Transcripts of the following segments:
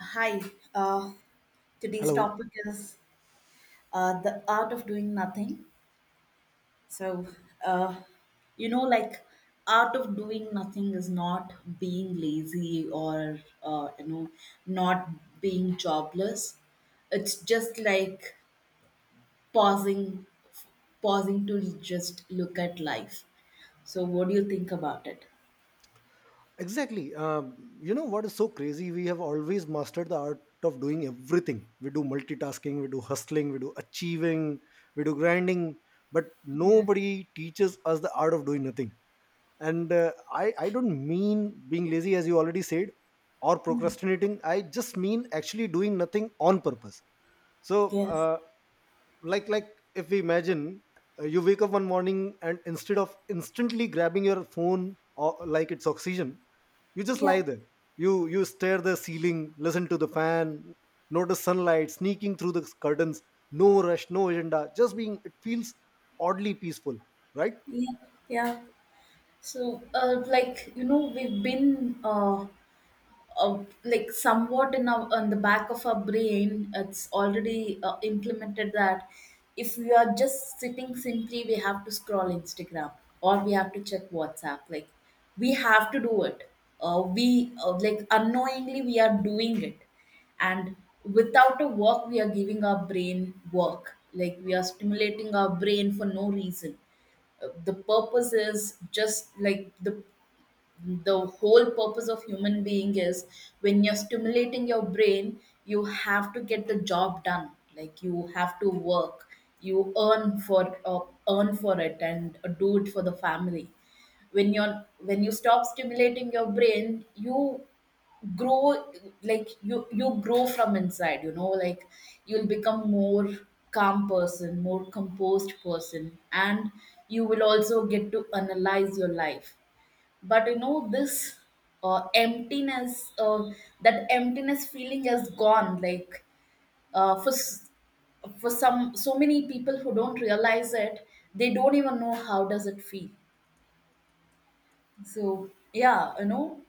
Hi, uh, today's Hello. topic is the art of doing nothing. So, uh, like art of doing nothing is not being lazy or not being jobless. It's just like pausing, pausing, to just look at life. So, what do you think about it? Exactly. You know what is so crazy? We have always mastered the art of doing everything. We do multitasking, we do hustling, we do achieving, we do grinding, but Yeah. nobody teaches us the art of doing nothing. And I don't mean being lazy, as you already said, or procrastinating. I just mean actually doing nothing on purpose. So, Yes. uh, like like if we imagine you wake up one morning and instead of instantly grabbing your phone or like it's oxygen, you just lie Yeah. there. You stare the ceiling, listen to the fan, notice sunlight sneaking through the curtains. No rush, no agenda, just being. It feels oddly peaceful, right? Yeah. Yeah. So, like, we've been like somewhat in our on the back of our brain it's already implemented that if we are just sitting simply, we have to scroll Instagram or we have to check WhatsApp, like we have to do it. We like unknowingly we are doing it. And without a work we are giving our brain work, like we are stimulating our brain for no reason. The purpose is just like the whole purpose of human being is when you're stimulating your brain, you have to get the job done, like you have to work. You earn for it and do it for the family. When you stop stimulating your brain, you grow, like you grow from inside, you know, like you'll become more calm person, more composed person, and you will also get to analyze your life. But you know this emptiness, that emptiness feeling has gone, like uh, for s- for some, so many people who don't realize it, they don't even know how does it feel. So yeah,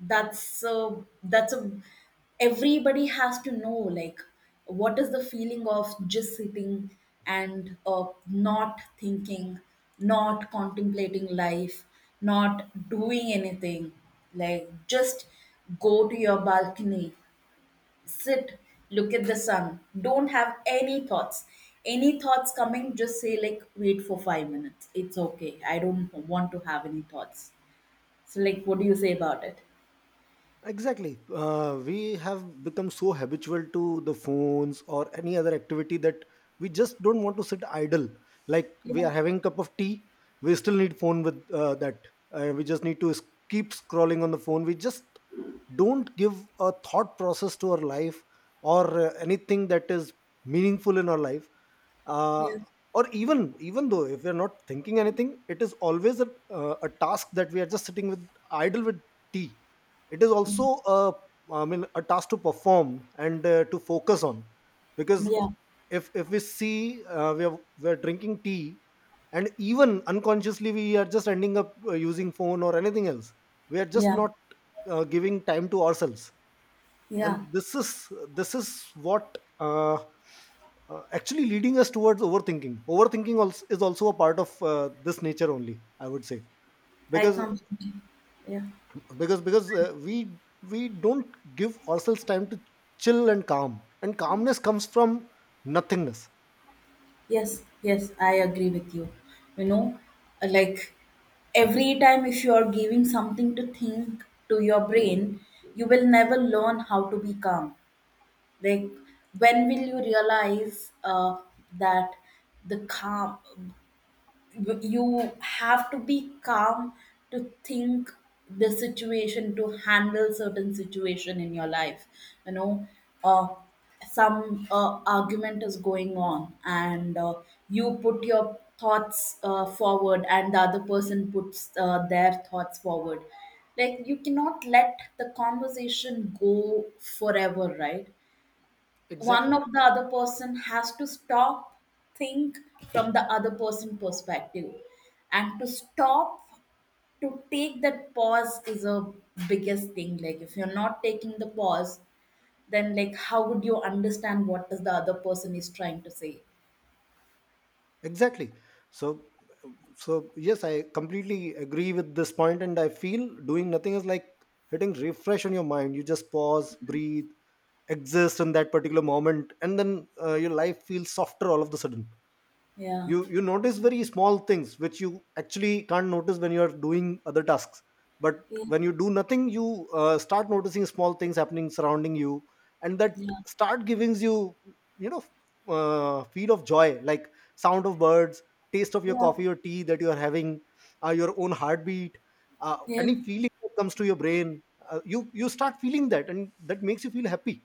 that's a that's a everybody has to know, like, what is the feeling of just sitting and not thinking, not contemplating life, not doing anything, like just go to your balcony, sit, look at the sun, don't have any thoughts. Any thoughts coming, just say like wait for 5 minutes, it's okay, I don't want to have any thoughts. So like, what do you say about it? Exactly. We have become so habitual to the phones or any other activity that we just don't want to sit idle. Like we are Yeah, having cup of tea, we still need phone with that. We just need to s- Keep scrolling on the phone. We just don't give a thought process to our life or anything that is meaningful in our life. Uh, yeah. or even even though if we are not thinking anything, it is always a task that we are just sitting with, idle, with tea. It is Yeah, also a, I mean, a task to perform and to focus on, because yeah, if we see, we are, we're drinking tea and even unconsciously we are just ending up using phone or anything else. We are just yeah, not, giving time to ourselves. yeah. And this is what, actually leading us towards overthinking. Overthinking also is also a part of this nature only, I would say, I because completely, yeah, because we don't give ourselves time to chill and calm, and calmness comes from nothingness. yes, yes, I agree with you. You know, like every time if you are giving something to think to your brain, you will never learn how to be calm. Like, when will you realize that the calm, you have to be calm to think the situation, to handle certain situation in your life, you know. uh, some argument is going on and you put your thoughts forward and the other person puts their thoughts forward. Like you cannot let the conversation go forever, right? One Exactly. of the other person has to stop, think from the other person perspective, and to stop, to take that pause is a biggest thing. Like if you're not taking the pause, then like how would you understand what is the other person is trying to say? Exactly. So so yes, I completely agree with this point, and I feel doing nothing is like hitting refresh on your mind. You just pause, breathe, exist in that particular moment, and then your life feels softer all of the sudden. Yeah, You notice very small things which you actually can't notice when you are doing other tasks. But yeah. when you do nothing, you start noticing small things happening surrounding you, and that Yeah, start giving you, you know, feel of joy, like sound of birds, taste of your yeah. coffee or tea that you are having, your own heartbeat, Yeah, any feeling that comes to your brain. You start feeling that, and that makes you feel happy.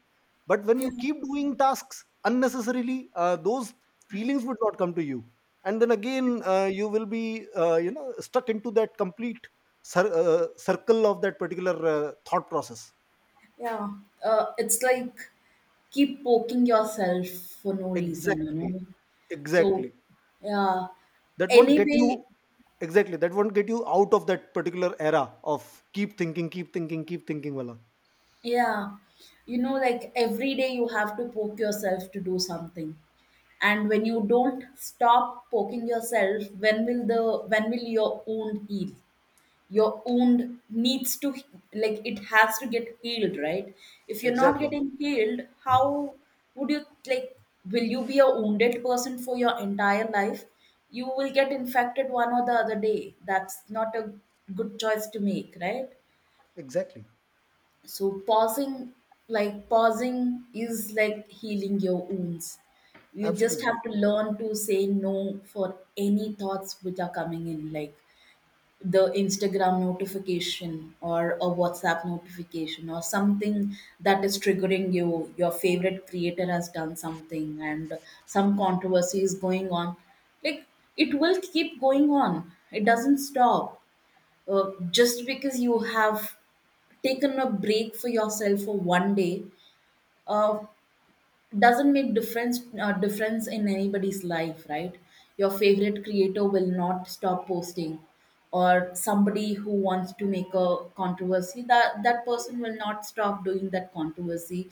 But when yeah, you keep doing tasks unnecessarily, those feelings would not come to you, and then again you will be, you know, stuck into that complete circle of that particular thought process. yeah. It's like keep poking yourself for no reason, you Exactly. know. So Exactly. yeah, that won't get you anyway. exactly that won't get you out of that particular era of keep thinking, keep thinking, keep thinking, wala. Yeah, you know, like every day you have to poke yourself to do something. And when you don't stop poking yourself, when will your wound heal? Your wound needs to like it has to get healed, right? If you're not Exactly. getting healed, how would you, like, will you be a wounded person for your entire life? You will get infected one or the other day. That's not a good choice to make, right? Exactly. So pausing, like pausing is like healing your wounds. You just have Absolutely. to learn to say no for any thoughts which are coming in, like the Instagram notification or a WhatsApp notification or something that is triggering you. Your favorite creator has done something and some controversy is going on. Like it will keep going on, it doesn't stop just because you have taken a break for yourself for one day uh, doesn't make difference in anybody's life, right? Your favorite creator will not stop posting, or somebody who wants to make a controversy, that person will not stop doing that controversy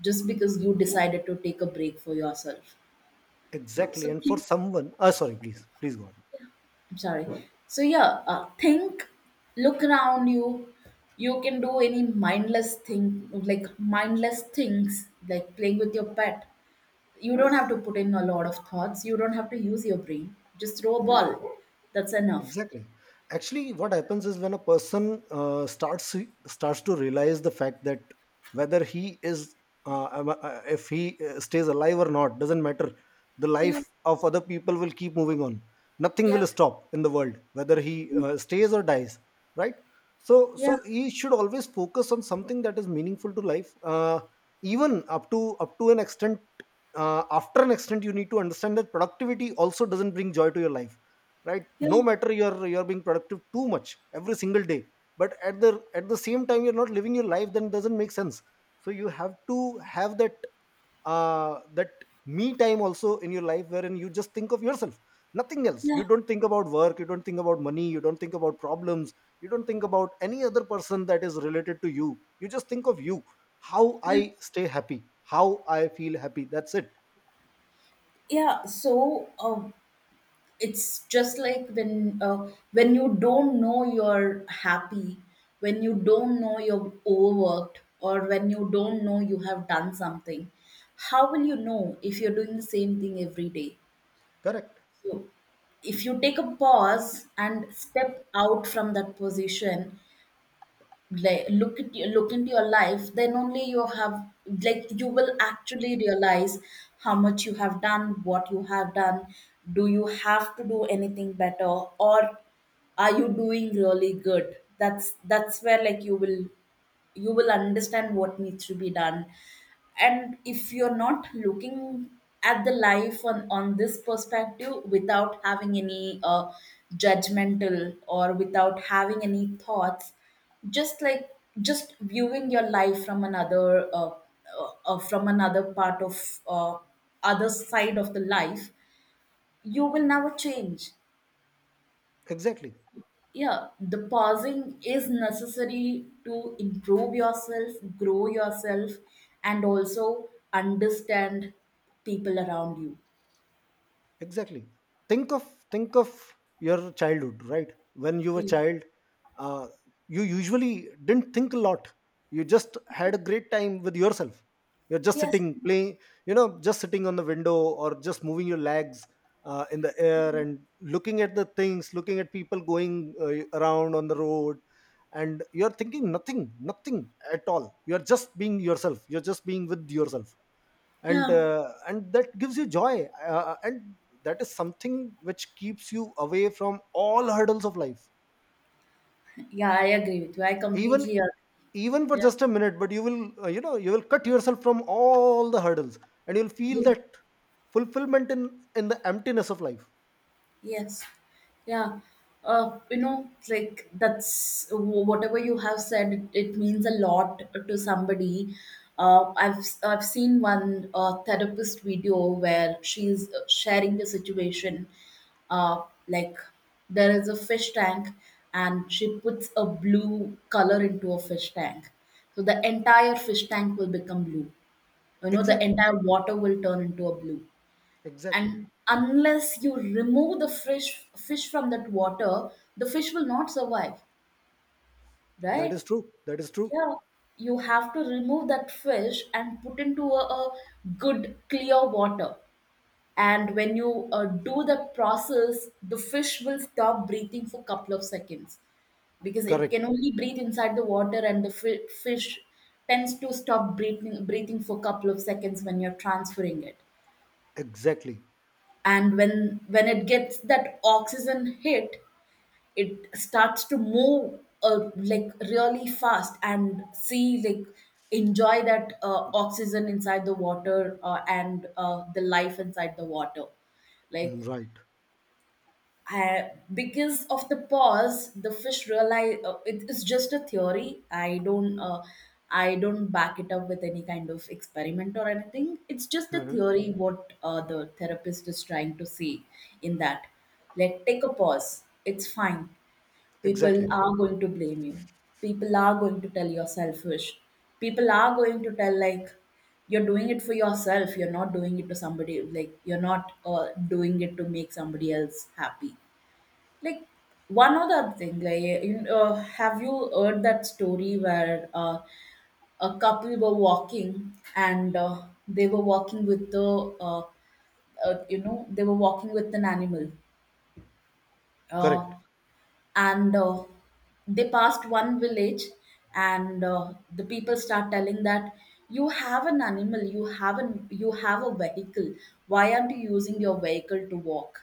just because you decided to take a break for yourself. Exactly. So And for keep... someone, sorry, please, please go on. I'm sorry. So yeah, think, look around you. You can do any mindless thing, like mindless things, like playing with your pet. You don't have to put in a lot of thoughts. You don't have to use your brain. Just throw a ball. That's enough. Exactly. Actually, what happens is when a person starts to realize the fact that whether he is, if he stays alive or not, doesn't matter. The Yeah, life of other people will keep moving on. Nothing yeah, will stop in the world, whether he stays or dies. Right. So, yeah, so he should always focus on something that is meaningful to life. Even up to an extent, after an extent, you need to understand that productivity also doesn't bring joy to your life, right? yeah, No matter you're being productive too much every single day, but at the same time, you're not living your life, then it doesn't make sense. So you have to have that, uh that me time also in your life, wherein you just think of yourself, nothing else. yeah, You don't think about work, you don't think about money, you don't think about problems, you don't think about any other person that is related to you. You just think of you. How yeah. I stay happy, how I feel happy, that's it. Yeah. So, it's just like when you don't know you're happy, when you don't know you're overworked, or when you don't know you have done something, how will you know if you're doing the same thing every day? Correct. So if you take a pause and step out from that position, like look at you, look into your life, then only you have, like you will actually realize how much you have done, what you have done, do you have to do anything better, or are you doing really good? That's where, like, you will understand what needs to be done. And if you're not looking at the life on this perspective without having any judgmental or without having any thoughts, just like just viewing your life from another part of other side of the life, you will never change. Exactly. Yeah, the pausing is necessary to improve yourself, grow yourself, and also understand people around you. Exactly. Think of think of your childhood, right? When you were Yeah. child, uh, you usually didn't think a lot. You just had a great time with yourself. You're just Yes, sitting, playing, you know, just sitting on the window or just moving your legs in the air, and looking at the things, looking at people going around on the road, and you're thinking nothing at all. You're just being yourself, you're just being with yourself, and yeah, that gives you joy, and that is something which keeps you away from all hurdles of life. yeah, I agree with you, I Even, completely agree. even for just a minute, but you will, you know, you will cut yourself from all the hurdles, and you'll feel Yeah. that fulfillment in the emptiness of life. Yes. Yeah. You know, like whatever you have said, it means a lot to somebody. I've seen one therapist video where she's sharing the situation. Uh, like there is a fish tank, and she puts a blue color into a fish tank, so the entire fish tank will become blue. You know, the Exactly. entire water will turn into a blue, Exactly. and unless you remove the fish from that water, the fish will not survive, That right? is true, that is true. Yeah, you have to remove that fish and put into a good clear water. And when you do that process, the fish will stop breathing for couple of seconds because it can Correct. only breathe inside the water, and fish tends to stop breathing for couple of seconds when you're transferring it. Exactly. And when it gets that oxygen hit, it starts to move like really fast and see, like, enjoy that oxygen inside the water, and the life inside the water, Mm, like, right. Because of the pause, the fish realize, it is just a theory. I don't back it up with any kind of experiment or anything. It's just a Mhm. theory. What the therapist is trying to say in that, like take a pause. It's fine. Exactly. People are going to blame you. People are going to tell you're selfish. People are going to tell like you're doing it for yourself, you're not doing it to somebody. Like you're not doing it to make somebody else happy, like one other thing, like, you know, have you heard that story where a couple were walking and they were walking with the they were walking with an animal, Correct. uh, and they passed one village, and the people start telling that you have an animal, you have a vehicle, why aren't you using your vehicle to walk?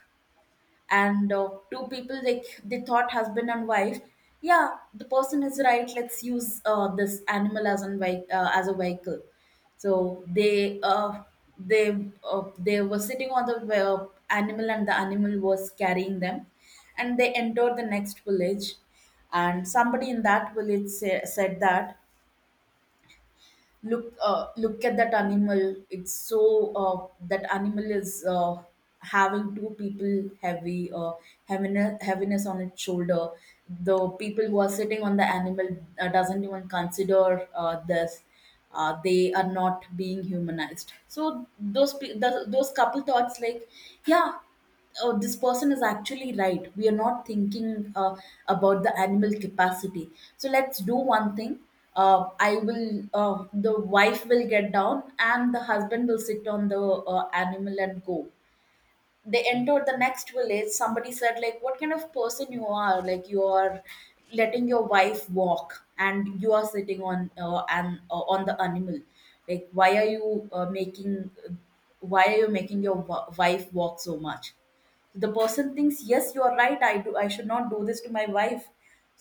And two people, they thought, husband and wife, yeah, the person is right, let's use this animal as an as a vehicle. So they they were sitting on the animal, and the animal was carrying them, and they entered the next village, and somebody in that village said that, look, look at that animal, it's so... that animal is having two people, heaviness on its shoulder. The people who are sitting on the animal doesn't even consider this, they are not being humanized. So those couple thoughts, like yeah, oh, this person is actually right. We are not thinking about the animal capacity. So let's do one thing. I will, the wife will get down and the husband will sit on the animal and go. They entered the next village, somebody said, like, what kind of person you are? Like, you are letting your wife walk and you are sitting on and on the animal. Like, why are you making why are you making your wife walk so much? The person thinks, yes, you are right, I should not do this to my wife.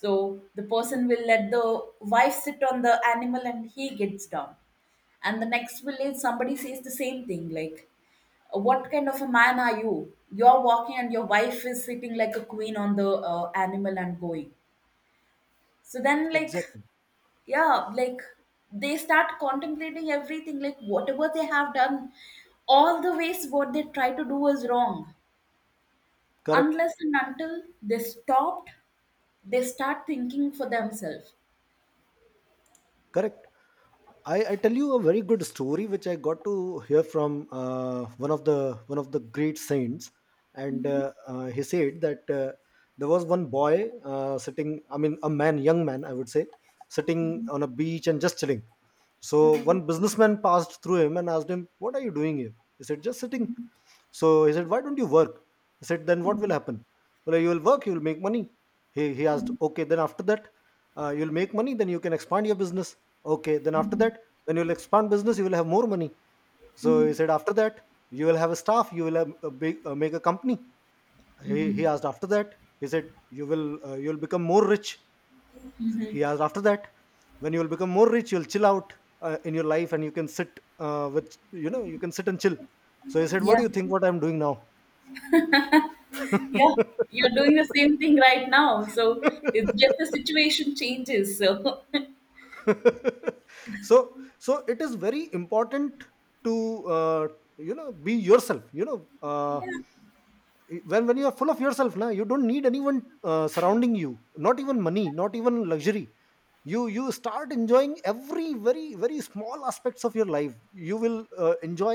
So the person will let the wife sit on the animal and he gets down. And the next village somebody says the same thing, like, what kind of a man are you? You're walking and your wife is sitting like a queen on the animal and going. So then, like, Exactly. yeah, like, they start contemplating everything, like whatever they have done, all the ways what they try to do is wrong. Correct. Unless and until they stopped, they start thinking for themselves. Correct. I tell you a very good story which I got to hear from one of the great saints, and he said that there was one boy sitting. I mean, a man, young man, I would say, sitting on a beach and just chilling. So Mhm. one businessman passed through him and asked him, "What are you doing here?" He said, "Just sitting." So he said, "Why don't you work?" He said, "Then what will happen?" "Well, you will work, you will make money." He asked, "Okay, then after that?" You'll make money, then you can expand your business." "Okay, then after that?" "When you'll expand business, you will have more money." So he said, "After that?" "You will have a staff, you will have a big, make a company." He Mhm. asked, "After that?" He said, "You will you'll become more rich." Mhm. He asked, "After that?" "When you will become more rich, you'll chill out in your life and you can sit, with, you know, you can sit and chill." So he said, "What Yeah, do you think what I'm doing now?" yeah, you're doing the same thing right now. So it's just the situation changes. So, So it is very important to, you know, be yourself, you know. When you are full of yourself, now you don't need anyone surrounding you, not even money, not even luxury. You start enjoying every very small aspects of your life. You will enjoy,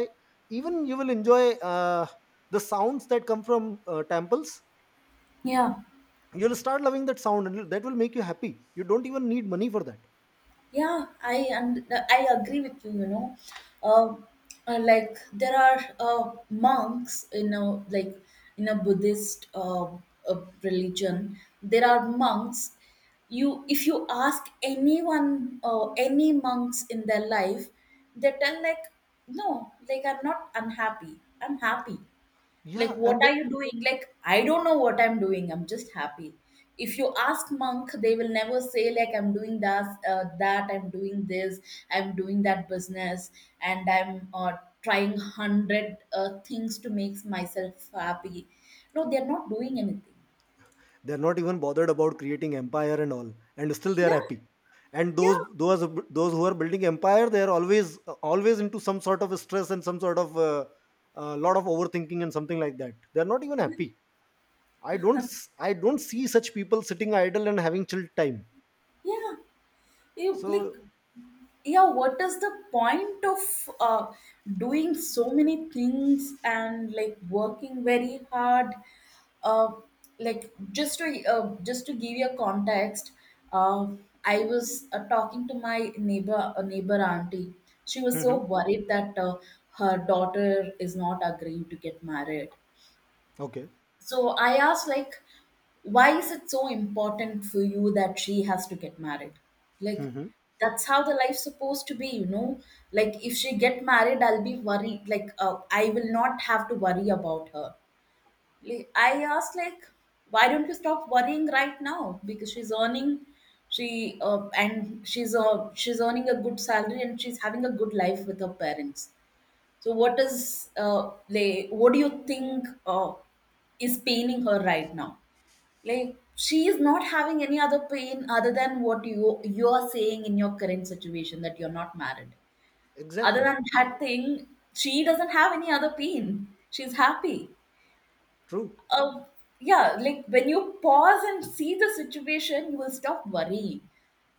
even you will enjoy uh, the sounds that come from temples. yeah. You'll start loving that sound, and that will make you happy. You don't even need money for that. Yeah, I agree with you. You know, uh, like there are monks in a, like, in a Buddhist religion. There are monks. You, if you ask anyone, any monks in their life, they tell, like, no, like, I'm not unhappy. I'm happy. Like, Yeah, what are you doing? Like, I don't know what I'm doing, I'm just happy. If you ask monk, they will never say, like, I'm doing that, I'm doing this, I'm doing that business, and I'm trying 100 things to make myself happy. No, they're not doing anything. they're not even bothered about creating empire and all, and still they are Yeah, happy. and those yeah, those those who are building empire, they are always, always into some sort of stress and some sort of lot of overthinking and something like that. They're not even happy. I don't see such people sitting idle and having chill time. yeah. You, like, So. yeah, what is the point of doing so many things and like working very hard, uh, like, just to give you a context, uh, I was talking to my neighbor, a neighbor auntie. She was so Hmm. worried that her daughter is not agreeing to get married. Okay. So I asked, like, why is it so important for you that she has to get married? Like, Hmm. that's how the life's supposed to be, you know? Like, if she get married, I'll be worried. Like, I will not have to worry about her. Like, I asked, like, why don't you stop worrying right now? Because she's earning, she's earning a good salary and she's having a good life with her parents. So what is like, what do you think is paining her right now? Like, she is not having any other pain other than what you are saying in your current situation that you're not married. Other Exactly. than that thing, she doesn't have any other pain. She's happy. True. uh, yeah, like when you pause and see the situation, you will stop worrying.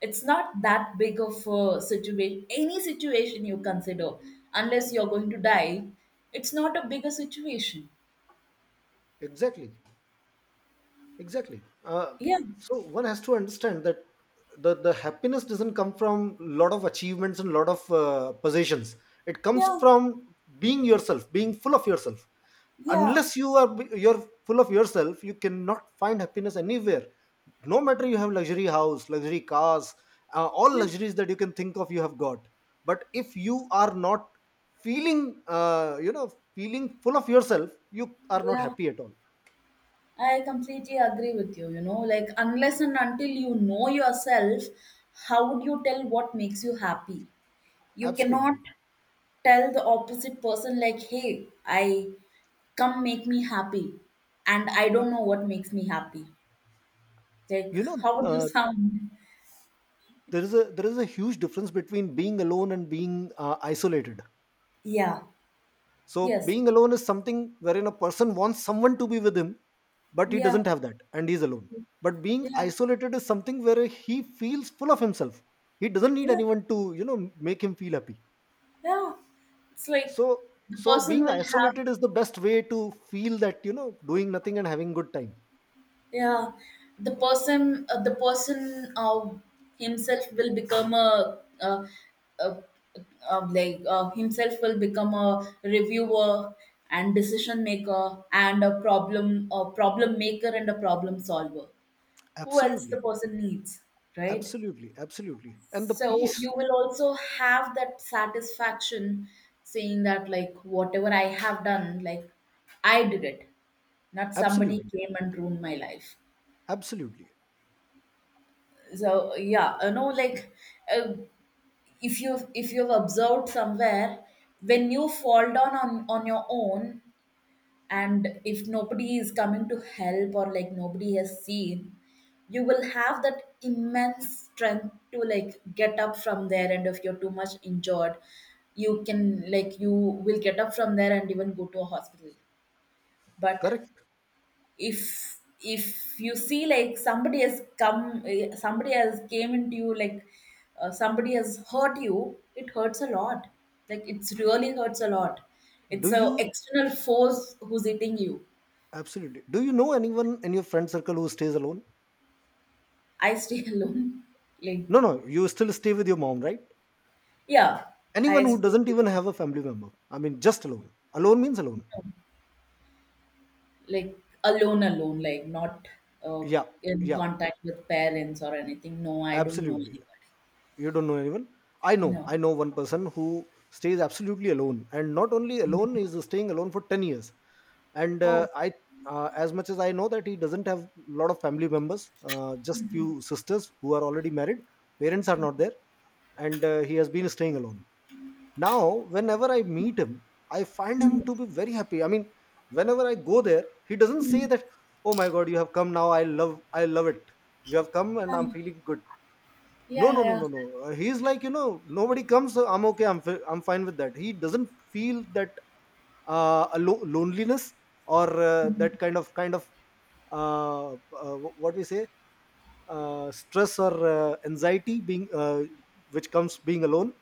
It's not that big of a situation. Any situation you consider, unless you're going to die, it's not a bigger situation. Exactly. Exactly. Yeah, So one has to understand that the happiness doesn't come from lot of achievements and lot of possessions. It comes yeah, from being yourself, being full of yourself. yeah, Unless you are you're full of yourself, you cannot find happiness anywhere. No matter you have luxury house, luxury cars, all yeah, luxuries that you can think of, you have got. But if you are not feeling, you know, feeling full of yourself, you are not yeah. happy at all. I completely agree with you. You know, like, unless and until you know yourself, how would you tell what makes you happy? You cannot Absolutely. tell the opposite person, like, "Hey, I come make me happy. And I don't know what makes me happy." Like, You know, how would you uh, sound? there is a there is a huge difference between being alone and being isolated. Yeah. So Yes. being alone is something wherein a person wants someone to be with him, but he Yeah. doesn't have that, and he's alone. But being Yeah. isolated is something where he feels full of himself. He doesn't need Yeah. anyone to, you know, make him feel happy. Yeah. It's so like the so person being will have, isolated is the best way to feel that, you know, doing nothing and having good time. yeah, the person himself will become a, uh himself will become a reviewer and decision maker and a problem maker and a problem solver. Who else Absolutely. the person needs, right? Absolutely. Absolutely, and the So peace. you will also have that satisfaction, saying that, like, whatever I have done, like, I did it, not somebody Absolutely. came and ruined my life. Absolutely. So, yeah, you know, like, uh, if you, if you've observed somewhere, when you fall down on your own, and if nobody is coming to help, or like nobody has seen, you will have that immense strength to like get up from there. And if you're too much injured, you can, like, you will get up from there and even go to a hospital. But Correct. if you see like somebody has come, eh, somebody has came into you, like, somebody has hurt you, it hurts a lot. Like, it's really hurts a lot. Do It's a you, external force who's hitting you. absolutely, do you know anyone in your friend circle who stays alone? I stay alone. No, Like, no, you still stay with your mom, right? yeah, Anyone I who stay doesn't even have a family member, I mean, just alone, alone means alone. alone. Like, alone, alone, like, not uh, Yeah. in Yeah, contact with parents or anything. No, I don't know absolutely. anybody. You don't know anyone. i You know know. i know one person who stays absolutely alone, and not only alone, is staying alone for 10 years, and Oh, I as much as I know that he doesn't have a lot of family members, just few sisters who are already married, parents are not there, and he has been staying alone. Now, whenever I meet him, I find him to be very happy. I mean, whenever I go there, he doesn't say that, "Oh my God, you have come now. I love it. You have come and I'm feeling good." No, yeah, no, no, yeah, no, no. He's like, nobody comes. So I'm okay. I'm fine with that. He doesn't feel that a loneliness or that kind of what we say stress or anxiety being which comes being alone.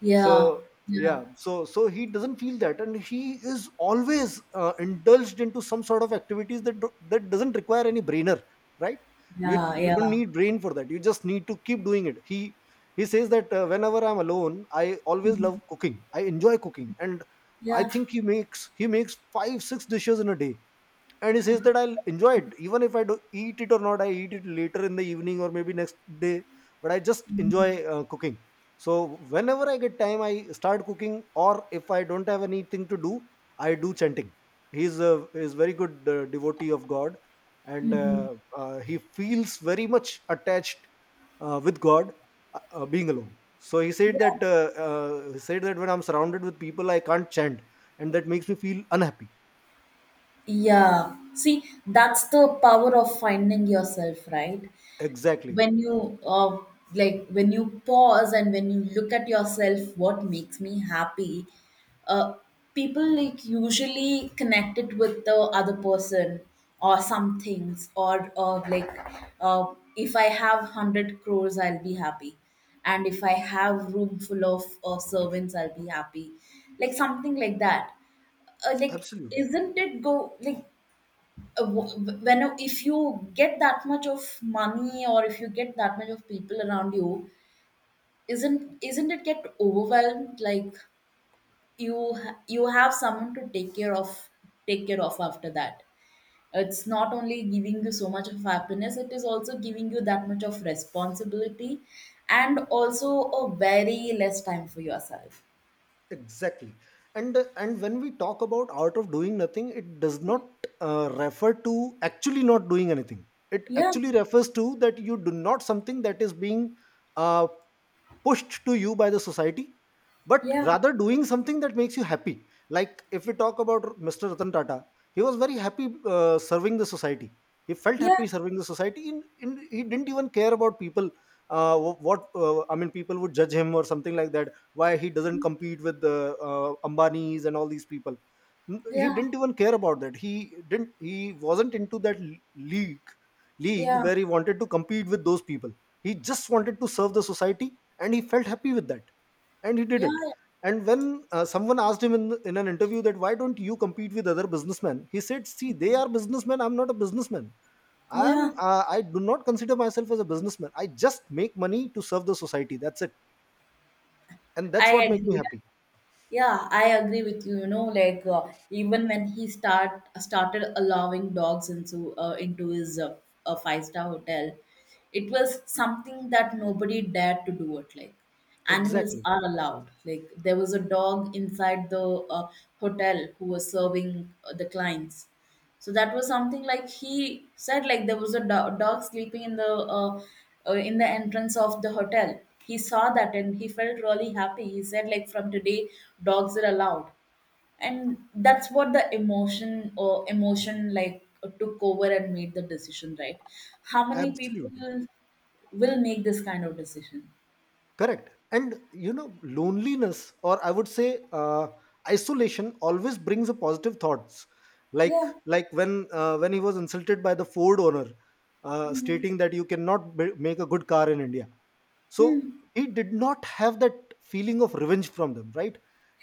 yeah, so yeah, yeah, so he doesn't feel that, and he is always indulged into some sort of activities that doesn't require any brainer. Right. you yeah, you don't yeah, need brain for that, you just need to keep doing it. He says that, "Whenever I'm alone, I always love cooking, I enjoy cooking, and I yeah. think he makes 5 6 dishes in a day." And he says that, "I'll enjoy it even if I do eat it or not. I eat it later in the evening, or maybe next day, but I just enjoy cooking. So whenever I get time, I start cooking, or if I don't have anything to do, I do chanting." He's a is very good devotee of God, and Mm-hmm. He feels very much attached with God, being alone. So he said Yeah. that, he said that, "When I'm surrounded with people, I can't chant, and that makes me feel unhappy." Yeah. See, that's the power of finding yourself, right? Exactly, When you like, when you pause and when you look at yourself, what makes me happy? uh, People like usually connect it with the other person or some things, or uh, if I have 100 crores I'll be happy, and if I have room full of servants I'll be happy, like something like that, uh, like absolutely. isn't it go, like, when, if you get that much of money or if you get that much of people around you, isn't it get overwhelmed, like, you you have someone to take care of, take care of after that. It's not only giving you so much of happiness, it is also giving you that much of responsibility, and also a very less time for yourself. Exactly. And and when we talk about art of doing nothing, it does not refer to actually not doing anything. It yeah actually refers to that you do not something that is being uh, pushed to you by the society, but yeah rather doing something that makes you happy. Like, if we talk about Mr. Ratan Tata, he was very happy serving the society. He felt yeah happy serving the society. In, he didn't even care about people, what, I mean, people would judge him or something like that. Why he doesn't compete with the Ambanis and all these people? N- he yeah didn't even care about that. He didn't he wasn't into that l- league. League yeah where he wanted to compete with those people. He just wanted to serve the society, and he felt happy with that, and he did yeah it. And when someone asked him in an interview that, "Why don't you compete with other businessmen?" He said, "See, they are businessmen, I'm not a businessman. I yeah am, I do not consider myself as a businessman. I just make money to serve the society, that's it, and I that's what make me agree. happy." Yeah, I agree with you. You know, like, even when he started allowing dogs into his five-star hotel, it was something that nobody dared to do it. Like, animals Exactly. are allowed. Like, there was a dog inside the hotel who was serving the clients. So that was something, like he said, like there was a dog sleeping uh, in the entrance of the hotel. He saw that and he felt really happy. He said, like, from today, dogs are allowed. And that's what the emotion, or emotion, like, took over and made the decision, right? How many Absolutely. people will make this kind of decision? Correct. And you know, loneliness, or I would say isolation, always brings a positive thoughts. Like Yeah. like when he was insulted by the Ford owner, Hmm. stating that, "You cannot make a good car in India." So Mm. he did not have that feeling of revenge from them, right?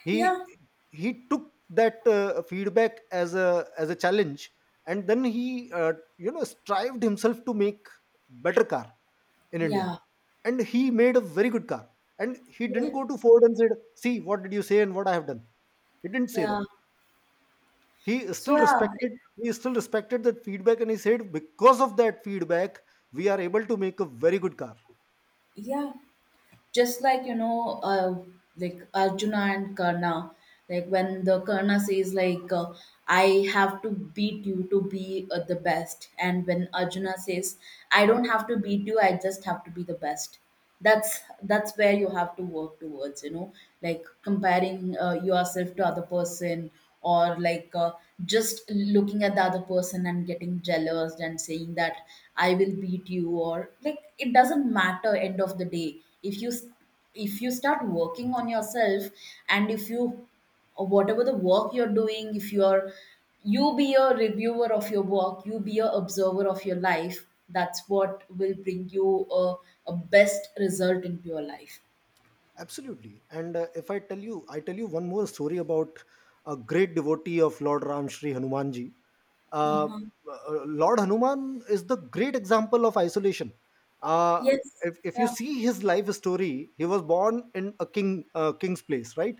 He yeah he took that feedback as a challenge, and then he, you know, strived himself to make better car in India. yeah And he made a very good car. And he didn't yeah go to Ford and said, "See, what did you say and what I have done." He didn't say yeah that. He still so yeah respected. He still respected that feedback, and he said, "Because of that feedback, we are able to make a very good car." yeah. Just like, you know, like Arjuna and Karna, like when the Karna says, like, I have to beat you to be the best, and when Arjuna says, I don't have to beat you, I just have to be the best. That's where you have to work towards, you know, like comparing yourself to other person, or like, just looking at the other person and getting jealous and saying that I will beat you, or like, it doesn't matter end of the day. If you, if you start working on yourself, and if you, or whatever the work you're doing, if you're, you be a reviewer of your work, you be a observer of your life, that's what will bring you a best result into your life. Absolutely. And if I tell you, I tell you one more story about a great devotee of Lord Ram, Shri Hanumanji. Uh, Uh-huh. Lord Hanuman is the great example of isolation. Uh, Yes. If you Yeah. see his life story, he was born in a king's place, right?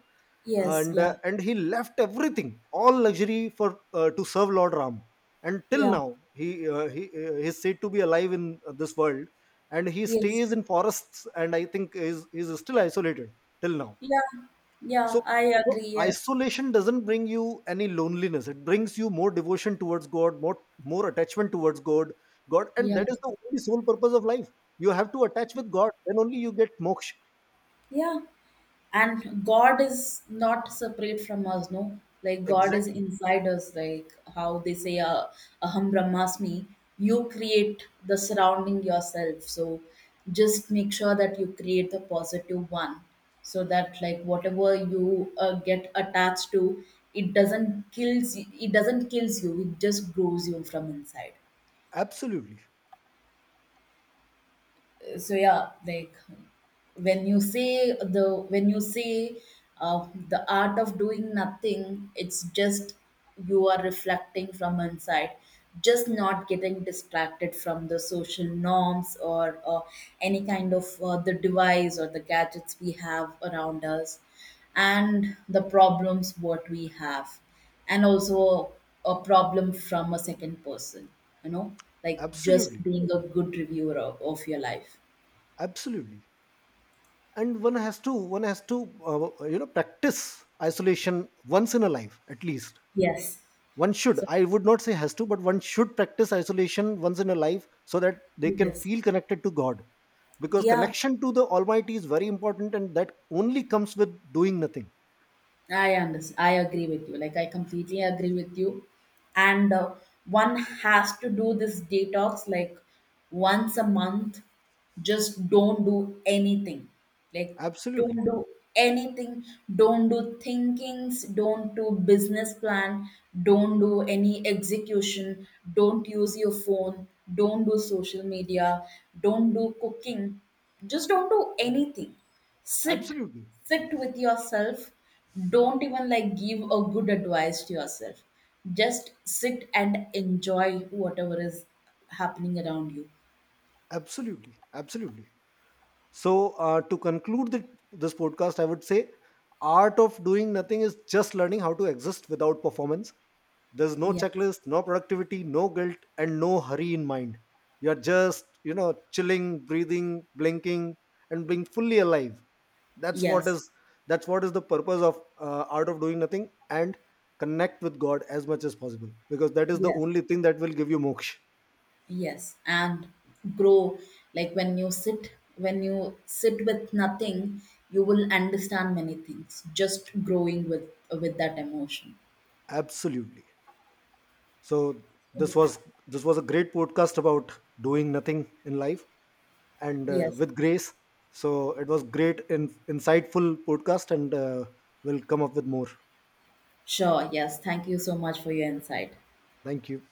Yes. Yeah. And he left everything, all luxury for to serve Lord Ram. And till Yeah. now, he, he is said to be alive in this world, and he Yes. stays in forests, and I think is still isolated till now. Yeah, So, yeah, I so agree. Yes. isolation doesn't bring you any loneliness, it brings you more devotion towards God, more attachment towards God, and Yeah. that is the only sole purpose of life. You have to attach with God, then only you get moksha. Yeah. And God is not separate from us, no? Like, God is Exactly. inside us, like how they say, Aham Brahmasmi, you create the surrounding yourself. So just make sure that you create the positive one, so that like whatever you get attached to, it doesn't kills you, it just grows you from inside. Absolutely. So, yeah, like, when you say the, when you say the art of doing nothing, it's just you are reflecting from inside, just not getting distracted from the social norms or any kind of the device or the gadgets we have around us, and the problems what we have, and also a problem from a second person, you know, like, just Absolutely. being a good reviewer of your life. Absolutely. And one has to you know, practice isolation once in a life, at least. Yes. One should, So, I would not say has to, but one should practice isolation once in a life, so that they can yes. feel connected to God, because Yeah, connection to the Almighty is very important, and that only comes with doing nothing. I understand. I agree with you. Like, I completely agree with you. And one has to do this detox, like, once a month. Just don't do anything. Like, Absolutely. don't do anything. Don't do thinkings. Don't do business plan. Don't do any execution. Don't use your phone. Don't do social media. Don't do cooking. Just don't do anything. Sit, Absolutely. sit with yourself. Don't even like give a good advice to yourself. Just sit and enjoy whatever is happening around you. Absolutely. Absolutely. So, to conclude this podcast, I would say art of doing nothing is just learning how to exist without performance. There's no Yes, checklist, no productivity, no guilt, and no hurry in mind. You're just, you know, chilling, breathing, blinking, and being fully alive. That's what yes, is that's what is the purpose of art of doing nothing, and connect with God as much as possible, because that is the yes, only thing that will give you moksha. yes. And grow. Like, when you sit with nothing, you will understand many things. Just growing with that emotion. Absolutely. So this was this was a great podcast about doing nothing in life, and Yes, with grace. So it was great and insightful podcast, and we'll come up with more. sure. Yes. Thank you so much for your insight. Thank you.